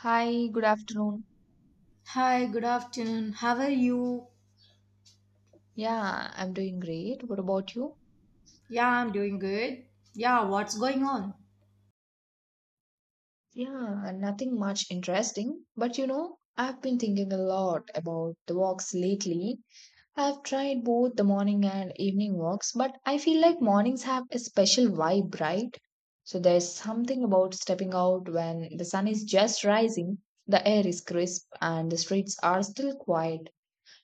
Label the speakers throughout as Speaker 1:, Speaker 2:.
Speaker 1: Hi, good afternoon.
Speaker 2: Hi, good afternoon. How are you?
Speaker 1: Yeah, I'm doing great. What about you?
Speaker 2: Yeah, I'm doing good. Yeah, what's going on?
Speaker 1: Yeah, nothing much interesting. But you know, I've been thinking a lot about the walks lately. I've tried both the morning and evening walks, but I feel like mornings have a special vibe, right? So there's something about stepping out when the sun is just rising, the air is crisp, and the streets are still quiet.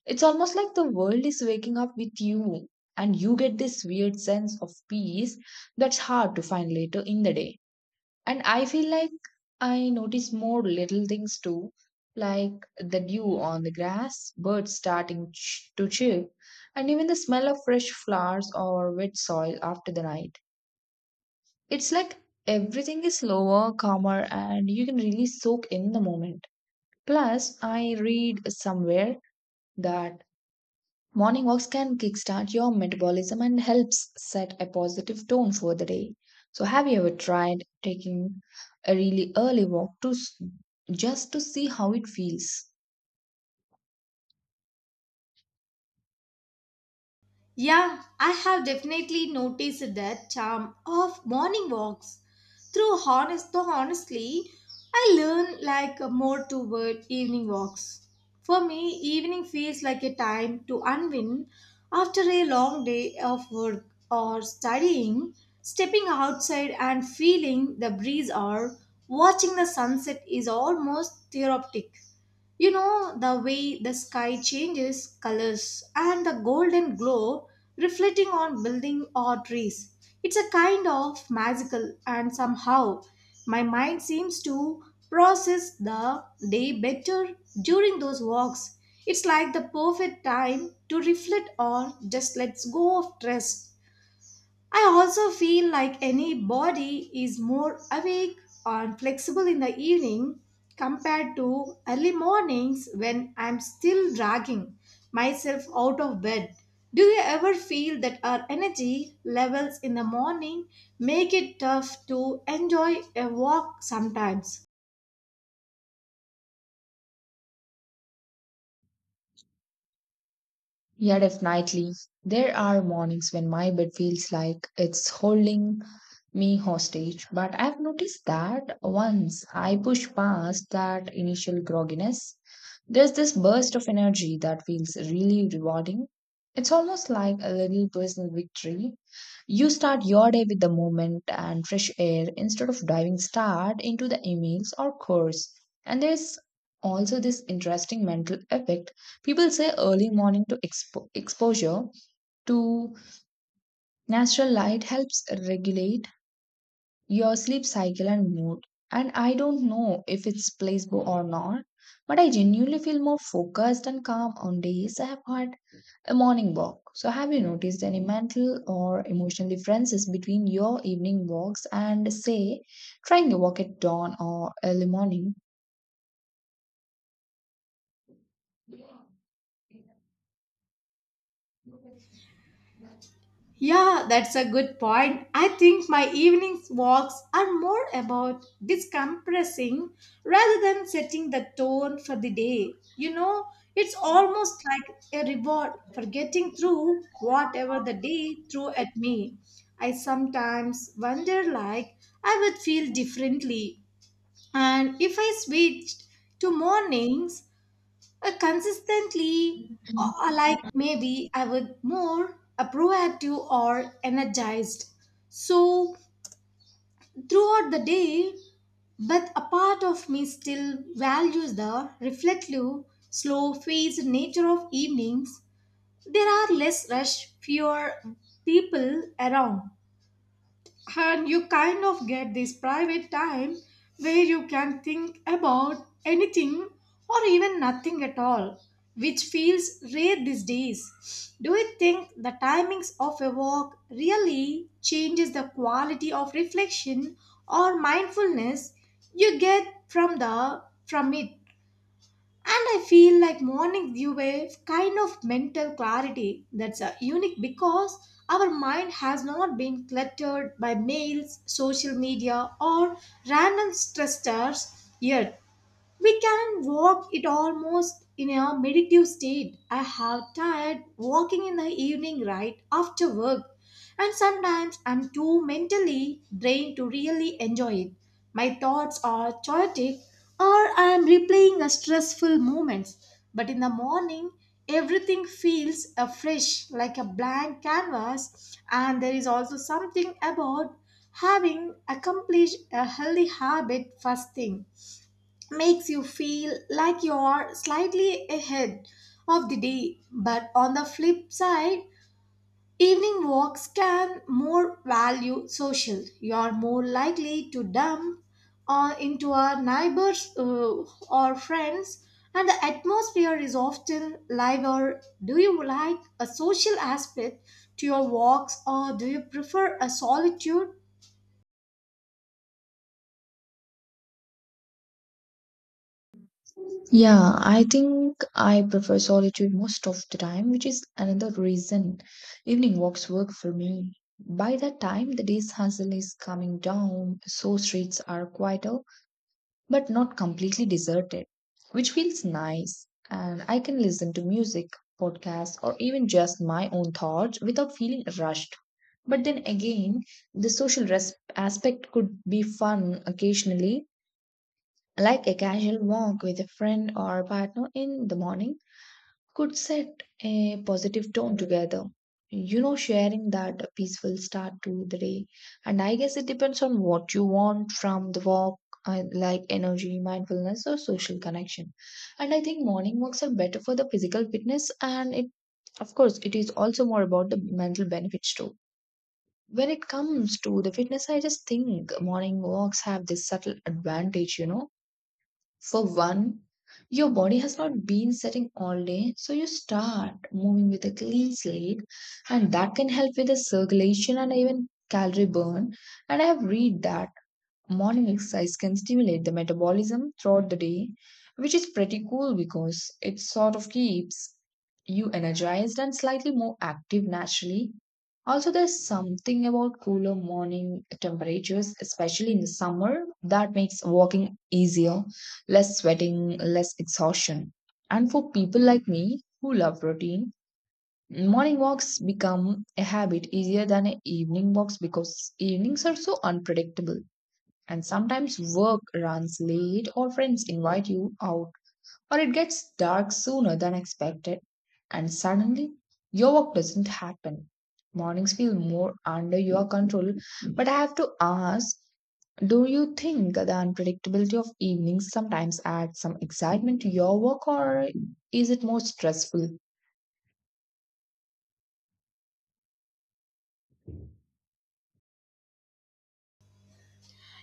Speaker 1: It's almost like the world is waking up with you, and you get this weird sense of peace that's hard to find later in the day. And I feel like I notice more little things too, like the dew on the grass, birds starting to chirp, and even the smell of fresh flowers or wet soil after the night. It's like everything is slower, calmer, and you can really soak in the moment. Plus, I read somewhere that morning walks can kickstart your metabolism and helps set a positive tone for the day. So, have you ever tried taking a really early walk just to see how it feels?
Speaker 2: Yeah, I have definitely noticed that charm of morning walks. Through honest though honestly, I learn like more toward evening walks. For me, evening feels like a time to unwind after a long day of work or studying. Stepping outside and feeling the breeze or watching the sunset is almost therapeutic. You know, the way the sky changes colors and the golden glow reflecting on building or trees. It's a kind of magical and somehow my mind seems to process the day better during those walks. It's like the perfect time to reflect on just let go of stress. I also feel like any body is more awake and flexible in the evening compared to early mornings when I'm still dragging myself out of bed. Do you ever feel that our energy levels in the morning make it tough to enjoy a walk sometimes?
Speaker 1: Yeah, definitely. There are mornings when my bed feels like it's holding me hostage, but I've noticed that once I push past that initial grogginess, there's this burst of energy that feels really rewarding. It's almost like a little personal victory. You start your day with the movement and fresh air instead of diving start into the emails or course. And there's also this interesting mental effect. People say early morning exposure to natural light helps regulate your sleep cycle and mood. And I don't know if it's placebo or not, but I genuinely feel more focused and calm on days I have had a morning walk. So, have you noticed any mental or emotional differences between your evening walks and, say, trying a walk at dawn or early morning?
Speaker 2: Yeah, that's a good point. I think my evening walks are more about decompressing rather than setting the tone for the day. You know, it's almost like a reward for getting through whatever the day threw at me. I sometimes wonder like I would feel differently and if I switched to mornings consistently, like maybe I would more proactive or energized. So throughout the day, but a part of me still values the reflective, slow-paced nature of evenings. There are less rush, fewer people around, and you kind of get this private time where you can think about anything or even nothing at all, which feels rare these days. Do you think the timings of a walk really changes the quality of reflection or mindfulness you get from it? And I feel like morning dew a kind of mental clarity that's unique because our mind has not been cluttered by mails, social media, or random stressors yet. We can walk it almost in a meditative state. I have tried walking in the evening right after work, and sometimes I'm too mentally drained to really enjoy it. My thoughts are chaotic or I am replaying a stressful moments. But in the morning, everything feels fresh like a blank canvas, and there is also something about having accomplished a healthy habit first thing makes you feel like you're slightly ahead of the day. But on the flip side, evening walks can more value social. You're more likely to dump into our neighbors or friends, and the atmosphere is often lighter. Do you like a social aspect to your walks, or do you prefer a solitude?
Speaker 1: Yeah, I think I prefer solitude most of the time, which is another reason evening walks work for me. By that time, the day's hustle is coming down, so streets are quieter but not completely deserted, which feels nice. And I can listen to music, podcasts, or even just my own thoughts without feeling rushed. But then again, the social aspect could be fun occasionally, like a casual walk with a friend or partner in the morning could set a positive tone together. You know, sharing that peaceful start to the day. And I guess it depends on what you want from the walk, like energy, mindfulness, or social connection. And I think morning walks are better for the physical fitness, and it, of course, it is also more about the mental benefits too. When it comes to the fitness, I just think morning walks have this subtle advantage, you know, for one, your body has not been sitting all day, so you start moving with a clean slate, and that can help with the circulation and even calorie burn. And I have read that morning exercise can stimulate the metabolism throughout the day, which is pretty cool because it sort of keeps you energized and slightly more active naturally. Also, there's something about cooler morning temperatures, especially in the summer, that makes walking easier, less sweating, less exhaustion. And for people like me who love routine, morning walks become a habit easier than a evening walks because evenings are so unpredictable. And sometimes work runs late, or friends invite you out, or it gets dark sooner than expected, and suddenly your work doesn't happen. Mornings feel more under your control, but I have to ask, do you think the unpredictability of evenings sometimes adds some excitement to your work, or is it more stressful?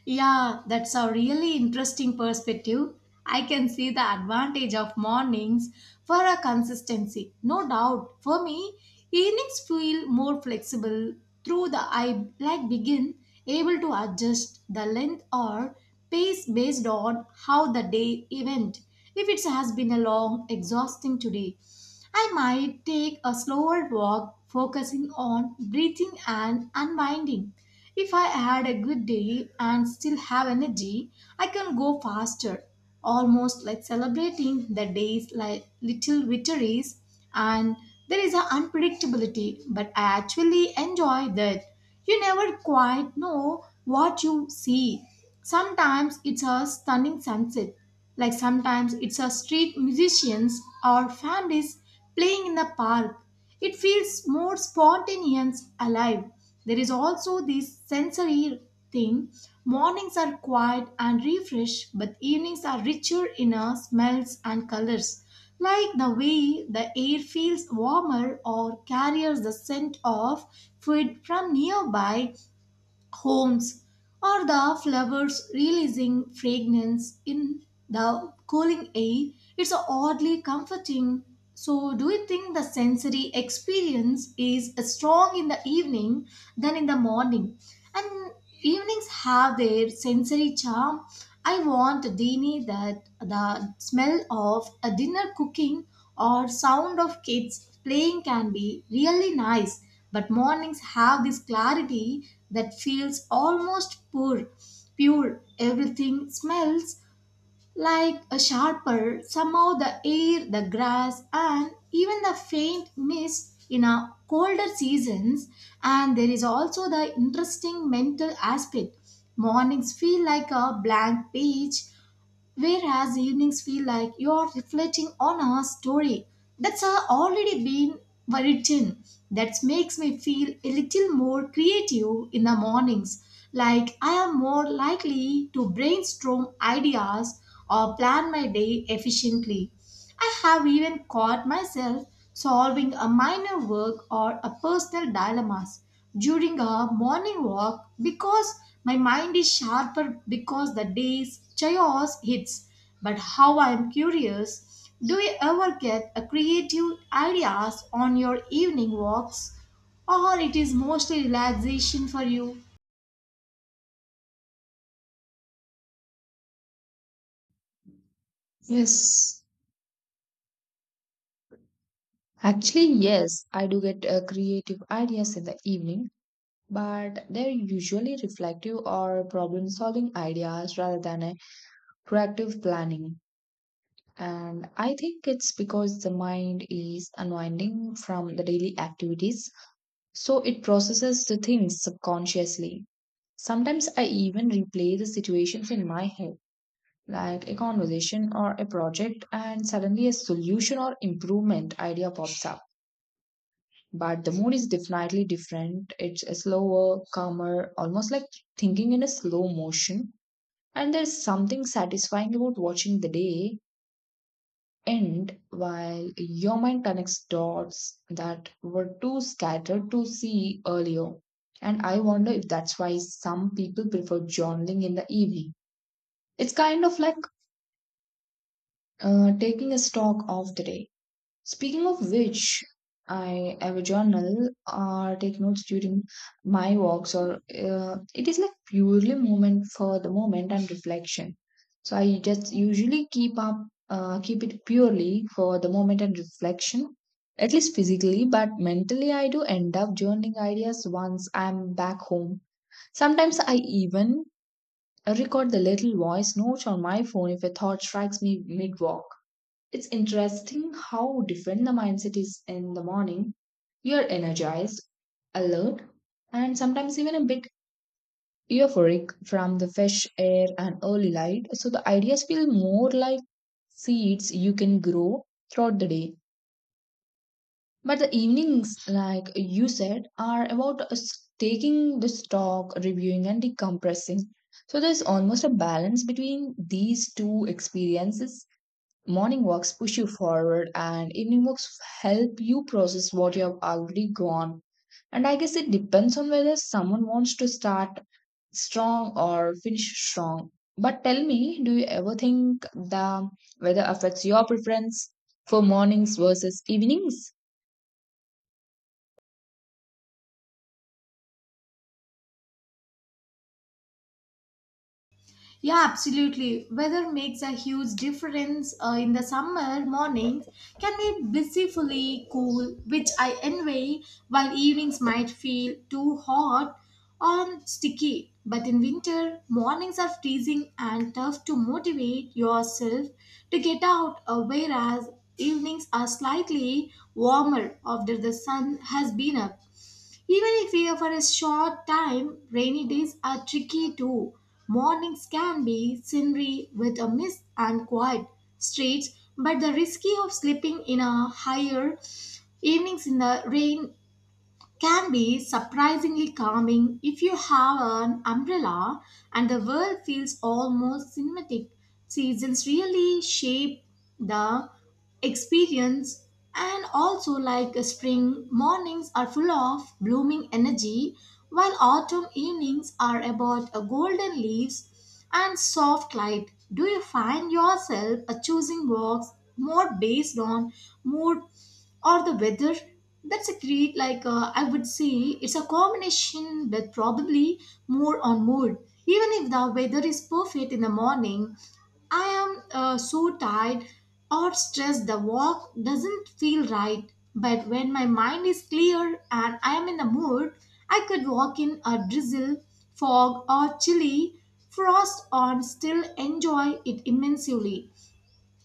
Speaker 2: Yeah, that's a really interesting perspective. I can see the advantage of mornings for a consistency. No doubt. For me, evenings feel more flexible through the I like begin able to adjust the length or pace based on how the day event. If it has been a long, exhausting today, I might take a slower walk focusing on breathing and unwinding. If I had a good day and still have energy, I can go faster, almost like celebrating the days like little victories. And there is an unpredictability, but I actually enjoy that. You never quite know what you see. Sometimes it's a stunning sunset, like sometimes it's a street musicians or families playing in the park. It feels more spontaneous, alive. There is also this sensory thing. Mornings are quiet and refreshed, but evenings are richer in smells and colors. Like the way the air feels warmer or carries the scent of food from nearby homes, or the flowers releasing fragrance in the cooling air, it's oddly comforting. So, do you think the sensory experience is strong in the evening than in the morning? And evenings have their sensory charm. I want a dini that the smell of a dinner cooking or sound of kids playing can be really nice, but mornings have this clarity that feels almost pure. Pure, everything smells like a sharper, somehow the air, the grass, and even the faint mist in our colder seasons. And there is also the interesting mental aspect. Mornings feel like a blank page, whereas evenings feel like you are reflecting on our story that's already been written. That makes me feel a little more creative in the mornings. Like I am more likely to brainstorm ideas or plan my day efficiently. I have even caught myself solving a minor work or a personal dilemmas during a morning walk because my mind is sharper because the day's chaos hits. But how I am curious, do you ever get a creative ideas on your evening walks or it is mostly relaxation for you?
Speaker 1: Yes. Actually, yes, I do get creative ideas in the evening, but they're usually reflective or problem solving ideas rather than a proactive planning. And I think it's because the mind is unwinding from the daily activities, so it processes the things subconsciously. Sometimes I even replay the situations in my head, like a conversation or a project, and suddenly a solution or improvement idea pops up. But the mood is definitely different. It's a slower, calmer, almost like thinking in a slow motion. And there's something satisfying about watching the day end while your mind connects dots that were too scattered to see earlier. And I wonder if that's why some people prefer journaling in the evening. It's kind of like taking a stock of the day. Speaking of which, I have a journal or take notes during my walks, or it is like purely moment for the moment and reflection. So I just usually keep it purely for the moment and reflection, at least physically, but mentally I do end up journaling ideas once I'm back home. Sometimes I even record the little voice notes on my phone if a thought strikes me mid walk. It's interesting how different the mindset is in the morning. You're energized, alert, and sometimes even a bit euphoric from the fresh air and early light. So the ideas feel more like seeds you can grow throughout the day. But the evenings, like you said, are about us taking the stock, reviewing, and decompressing. So there's almost a balance between these two experiences. Morning walks push you forward, and evening walks help you process what you have already gone. And I guess it depends on whether someone wants to start strong or finish strong. But tell me, do you ever think the weather affects your preference for mornings versus evenings?
Speaker 2: Yeah, absolutely. Weather makes a huge difference in the summer mornings can be blissfully cool, which I envy, while evenings might feel too hot or sticky. But in winter, mornings are freezing and tough to motivate yourself to get out, whereas evenings are slightly warmer after the sun has been up. Even if we are for a short time, rainy days are tricky too. Mornings can be scenery with a mist and quiet streets, but the risk of sleeping in a higher evenings in the rain can be surprisingly calming if you have an umbrella and the world feels almost cinematic. Seasons really shape the experience and also like a spring mornings are full of blooming energy while autumn evenings are about a golden leaves and soft light. Do you find yourself a choosing walks more based on mood or the weather? That's a great, like, I would say it's a combination with probably more on mood. Even if the weather is perfect in the morning, I am so tired or stressed, the walk doesn't feel right. But when my mind is clear and I am in the mood, I could walk in a drizzle, fog, or chilly frost and still enjoy it immensely.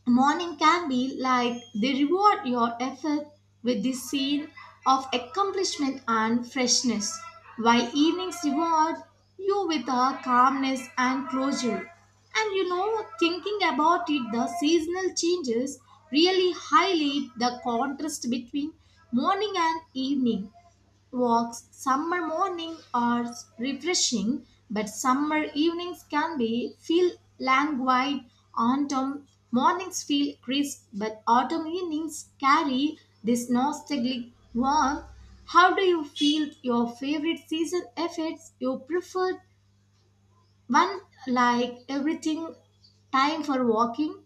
Speaker 2: Morning can be like they reward your effort with the scene of accomplishment and freshness, while evenings reward you with a calmness and closure. And you know, thinking about it, the seasonal changes really highlight the contrast between morning and evening. Walks summer morning are refreshing, but summer evenings can be feel languid. Autumn mornings feel crisp, but autumn evenings carry this nostalgic warmth. How do you feel your favorite season affects your preferred one, like everything time for walking?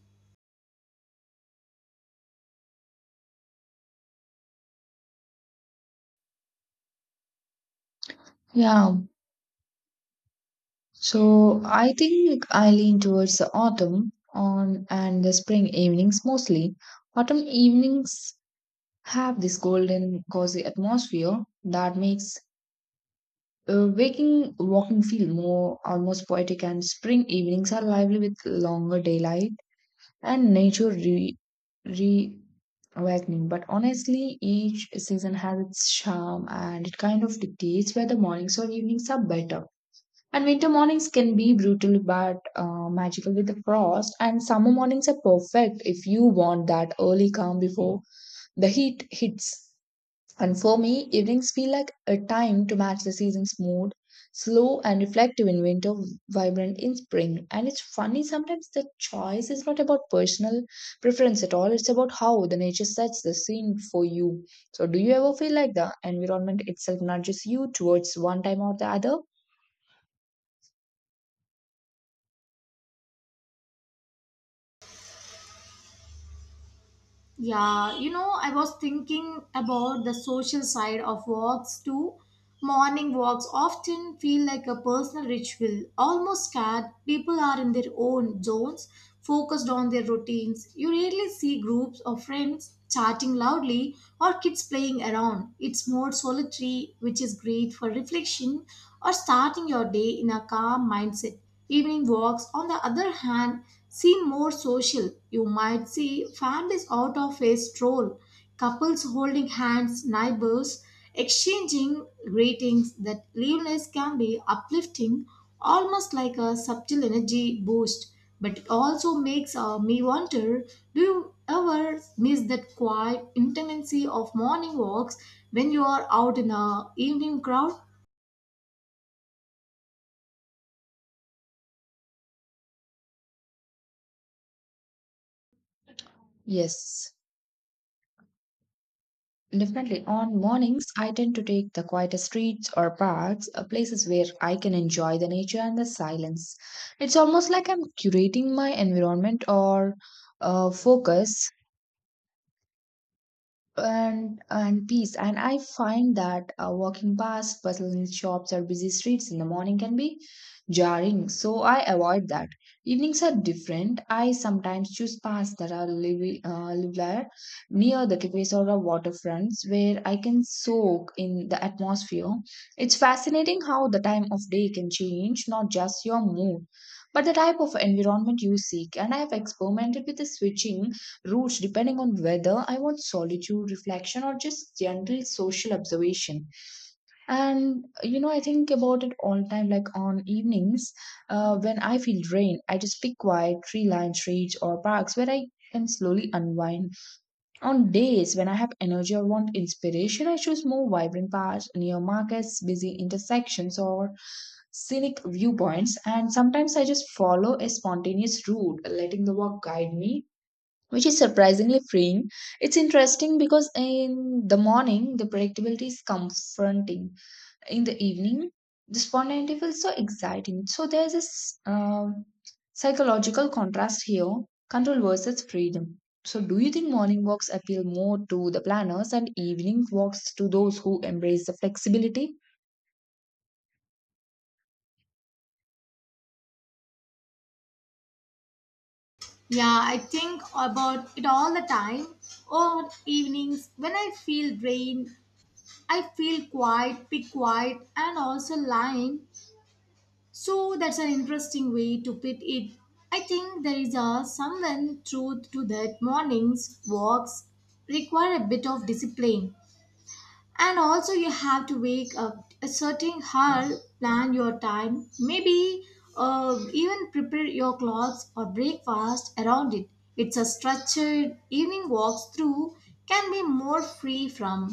Speaker 1: Yeah, so I think I lean towards the autumn on and the spring evenings mostly. Autumn evenings have this golden cozy atmosphere that makes waking walking feel more almost poetic, and spring evenings are lively with longer daylight and nature re, re awakening. But honestly, each season has its charm and it kind of dictates whether mornings or evenings are better. And winter mornings can be brutal but magical with the frost, and summer mornings are perfect if you want that early calm before the heat hits. And for me, evenings feel like a time to match the season's mood, slow and reflective in winter, vibrant in spring. And it's funny, sometimes the choice is not about personal preference at all, it's about how the nature sets the scene for you. So, do you ever feel like the environment itself nudges you towards one time or the other?
Speaker 2: Yeah, you know, I was thinking about the social side of walks too. Morning walks often feel like a personal ritual, almost scared. People are in their own zones, focused on their routines. You rarely see groups of friends chatting loudly or kids playing around. It's more solitary, which is great for reflection or starting your day in a calm mindset. Evening walks, on the other hand, seem more social. You might see families out of a stroll, couples holding hands, neighbors exchanging greetings. That liveness can be uplifting, almost like a subtle energy boost. But it also makes me wonder, do you ever miss that quiet intimacy of morning walks when you are out in a evening crowd?
Speaker 1: Yes. Definitely. On mornings, I tend to take the quieter streets or parks, places where I can enjoy the nature and the silence. It's almost like I'm curating my environment or focus and peace. And I find that walking past bustling shops or busy streets in the morning can be jarring, so I avoid that. Evenings are different. I sometimes choose paths that are live near the cafes or the waterfronts where I can soak in the atmosphere. It's fascinating how the time of day can change not just your mood but the type of environment you seek. And I have experimented with the switching routes depending on whether I want solitude, reflection, or just general social observation. And you know, I think about it all the time. Like on evenings, when I feel drained, I just pick quiet tree-lined streets or parks where I can slowly unwind. On days when I have energy or want inspiration, I choose more vibrant paths near markets, busy intersections, or scenic viewpoints. And sometimes I just follow a spontaneous route letting the walk guide me, which is surprisingly freeing. It's interesting because in the morning, the predictability is confronting. In the evening, the spontaneity feels so exciting. So there's this psychological contrast here, control versus freedom. So, do you think morning walks appeal more to the planners and evening walks to those who embrace the flexibility?
Speaker 2: Yeah, I think about it all the time. On evenings, when I feel drained, I feel quiet, be quiet, and also lying. So that's an interesting way to put it. I think there is a someone truth to that mornings walks require a bit of discipline and also you have to wake up a certain hour, plan your time, maybe even prepare your clothes or breakfast around it. It's a structured evening walks through can be more free from,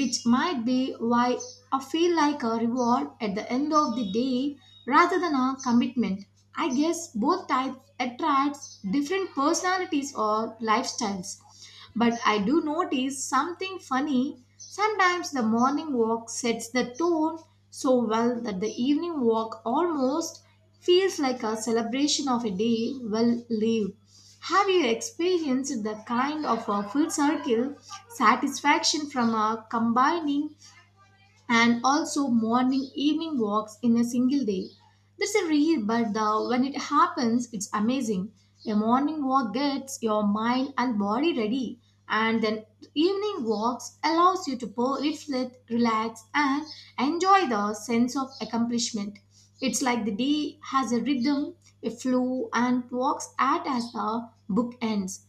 Speaker 2: which might be why I feel like a reward at the end of the day rather than a commitment. I guess both types attracts different personalities or lifestyles, but I do notice something funny. Sometimes the morning walk sets the tone so well that the evening walk almost feels like a celebration of a day well lived. Have you experienced the kind of a full circle satisfaction from a combining and also morning evening walks in a single day? That's a rare but when it happens it's amazing. A morning walk gets your mind and body ready, and then evening walks allows you to pour, reflect, relax and enjoy the sense of accomplishment. It's like the day has a rhythm, a flow, and walks at as the book ends.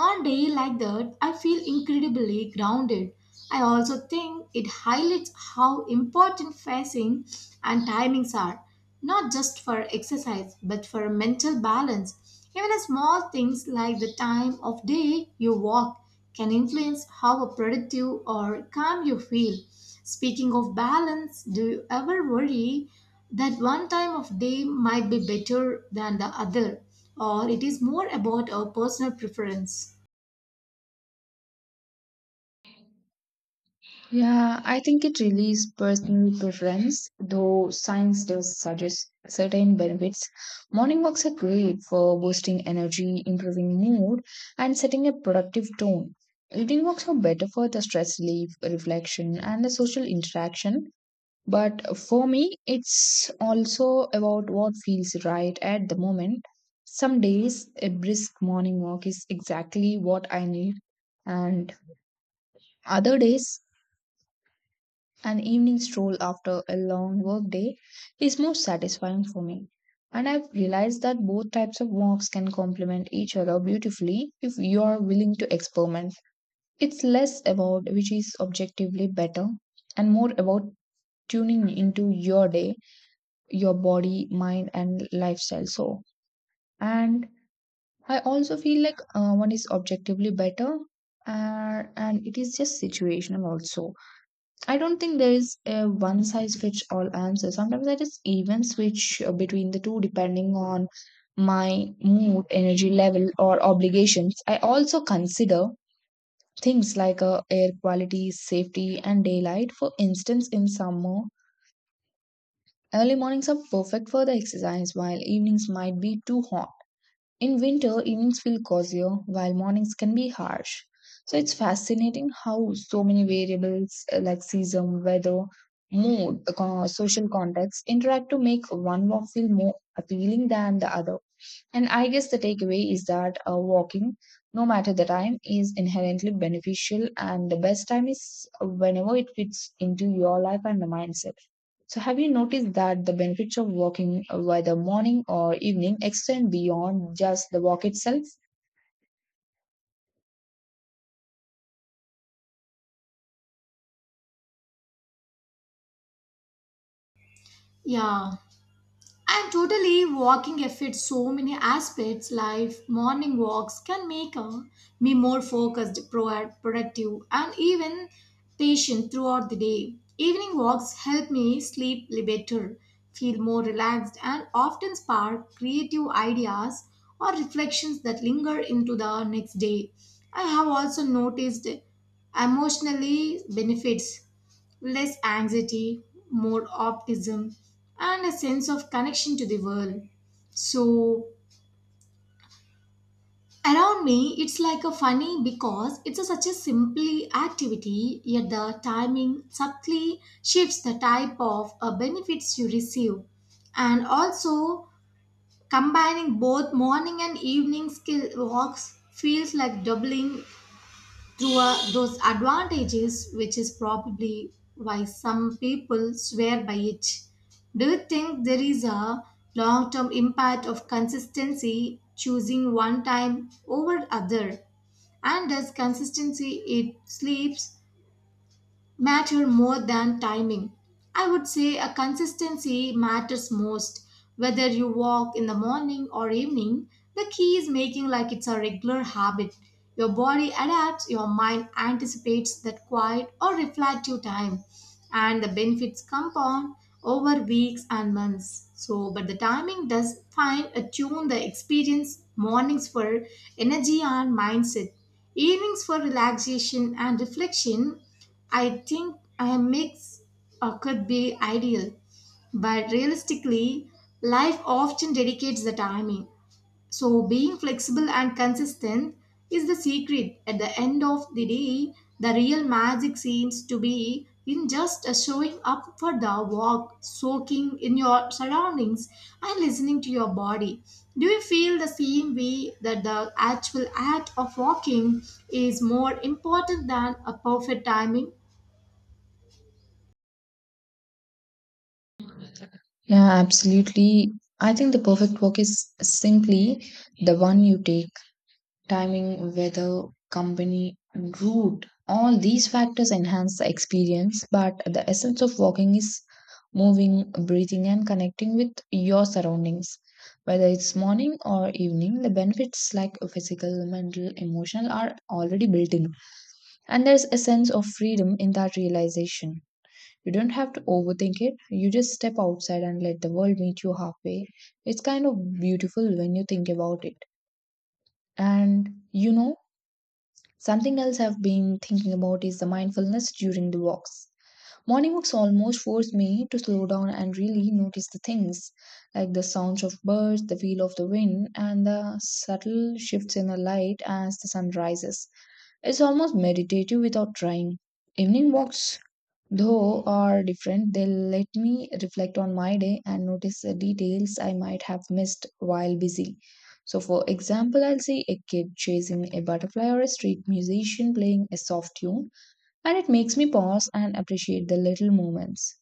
Speaker 2: On day like that, I feel incredibly grounded. I also think it highlights how important facing and timings are, not just for exercise but for mental balance. Even small things like the time of day you walk can influence how productive or calm you feel. Speaking of balance, do you ever worry that one time of day might be better than the other, or it is more about our personal preference?
Speaker 1: Yeah, I think it really is personal preference, though science does suggest certain benefits. Morning walks are great for boosting energy, improving mood, and setting a productive tone. Evening walks are better for the stress relief, reflection, and the social interaction. But for me, it's also about what feels right at the moment. Some days, a brisk morning walk is exactly what I need, and other days, an evening stroll after a long workday is most satisfying for me. And I've realized that both types of walks can complement each other beautifully if you are willing to experiment. It's less about which is objectively better and more about tuning into your day, your body, mind, and lifestyle. So, and I also feel like one is objectively better, and it is just situational also. I don't think there is a one size fits all answer. Sometimes I just even switch between the two depending on my mood, energy level, or obligations. I also consider things like air quality, safety, and daylight. For instance, in summer, early mornings are perfect for the exercise, while evenings might be too hot. In winter, evenings feel cozier, while mornings can be harsh. So it's fascinating how so many variables like season, weather, mood, social context interact to make one walk feel more appealing than the other. And I guess the takeaway is that walking, no matter the time, is inherently beneficial, and the best time is whenever it fits into your life and the mindset. So, have you noticed that the benefits of walking, whether morning or evening, extend beyond just the walk itself?
Speaker 2: Yeah, and totally walking affects so many aspects. Life, morning walks can make me more focused, productive, and even patient throughout the day. Evening walks help me sleep better, feel more relaxed, and often spark creative ideas or reflections that linger into the next day. I have also noticed emotionally benefits, less anxiety, more optimism, and a sense of connection to the world. So, around me, it's like a funny because it's a, such a simply activity, yet the timing subtly shifts the type of benefits you receive. And also, combining both morning and evening skill walks feels like doubling through those advantages, which is probably why some people swear by it. Do you think there is a long term impact of consistency choosing one time over other? And does consistency it sleeps matter more than timing. I would say a consistency matters most. Whether you walk in the morning or evening, the key is making like it's a regular habit. Your body adapts, your mind anticipates that quiet or reflective time, and the benefits compound over weeks and months. So, but the timing does fine attune the experience, mornings for energy and mindset, evenings for relaxation and reflection. I think a mix could be ideal, but realistically, life often dedicates the timing. So, being flexible and consistent is the secret. At the end of the day, the real magic seems to be in just showing up for the walk, soaking in your surroundings, and listening to your body. Do you feel the same way that the actual act of walking is more important than a perfect timing?
Speaker 1: Yeah, absolutely. I think the perfect walk is simply the one you take. Timing, weather, company, and route, all these factors enhance the experience, but the essence of walking is moving, breathing, and connecting with your surroundings. Whether it's morning or evening, the benefits like physical, mental, emotional are already built in. And there's a sense of freedom in that realization. You don't have to overthink it, you just step outside and let the world meet you halfway. It's kind of beautiful when you think about it. And you know, something else I've been thinking about is the mindfulness during the walks. Morning walks almost force me to slow down and really notice the things, like the sounds of birds, the feel of the wind, and the subtle shifts in the light as the sun rises. It's almost meditative without trying. Evening walks though are different, they let me reflect on my day and notice the details I might have missed while busy. So, for example, I'll see a kid chasing a butterfly or a street musician playing a soft tune, and it makes me pause and appreciate the little moments.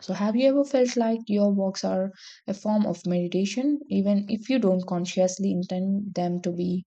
Speaker 1: So, have you ever felt like your walks are a form of meditation, even if you don't consciously intend them to be?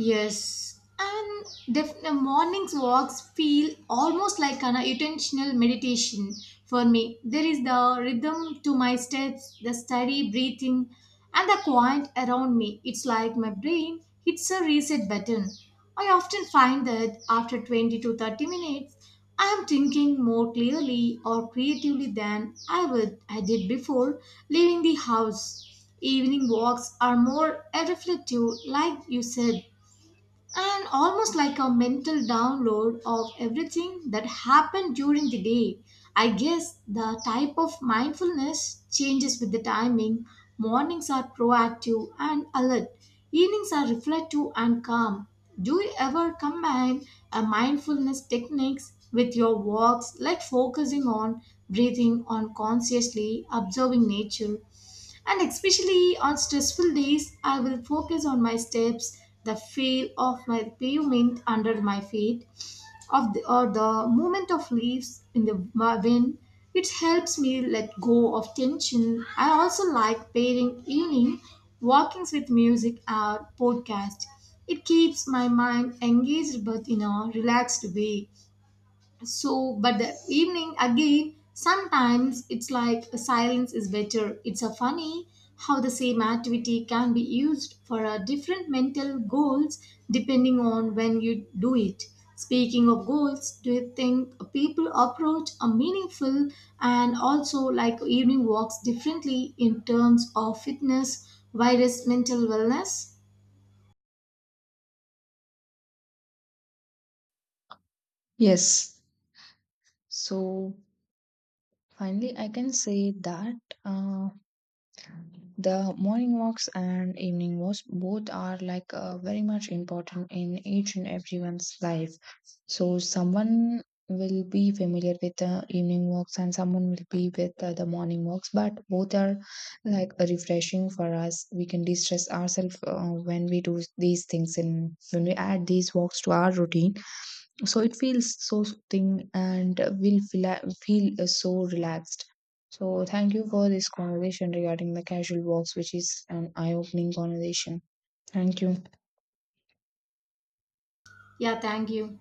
Speaker 2: Yes, and the morning's walks feel almost like an intentional meditation for me. There is the rhythm to my steps, the steady breathing, and the quiet around me. It's like my brain hits a reset button. I often find that after 20 to 30 minutes, I am thinking more clearly or creatively than I did before leaving the house. Evening walks are more reflective, like you said, and almost like a mental download of everything that happened during the day. I guess the type of mindfulness changes with the timing. Mornings are proactive and alert, evenings are reflective and calm. Do you ever combine a mindfulness techniques with your walks, like focusing on breathing, on consciously observing nature? And especially on stressful days, I will focus on my steps, the feel of my pavement under my feet, or the movement of leaves in the wind. It helps me let go of tension. I also like pairing evening walkings with music or podcast. It keeps my mind engaged but in a relaxed way. So, but the evening again, sometimes it's like a silence is better. It's a funny how the same activity can be used for a different mental goals depending on when you do it. Speaking of goals, do you think people approach a meaningful and also like evening walks differently in terms of fitness, virus, mental wellness?
Speaker 1: Yes. So, finally, I can say that. Uh, The morning walks and evening walks both are like very much important in each and everyone's life. So someone will be familiar with the evening walks and someone will be with the morning walks, but both are like refreshing for us. We can distress ourselves when we do these things and when we add these walks to our routine, so it feels so soothing and feel so relaxed. So thank you for this conversation regarding the casual walks, which is an eye-opening conversation. Thank you.
Speaker 2: Yeah, thank you.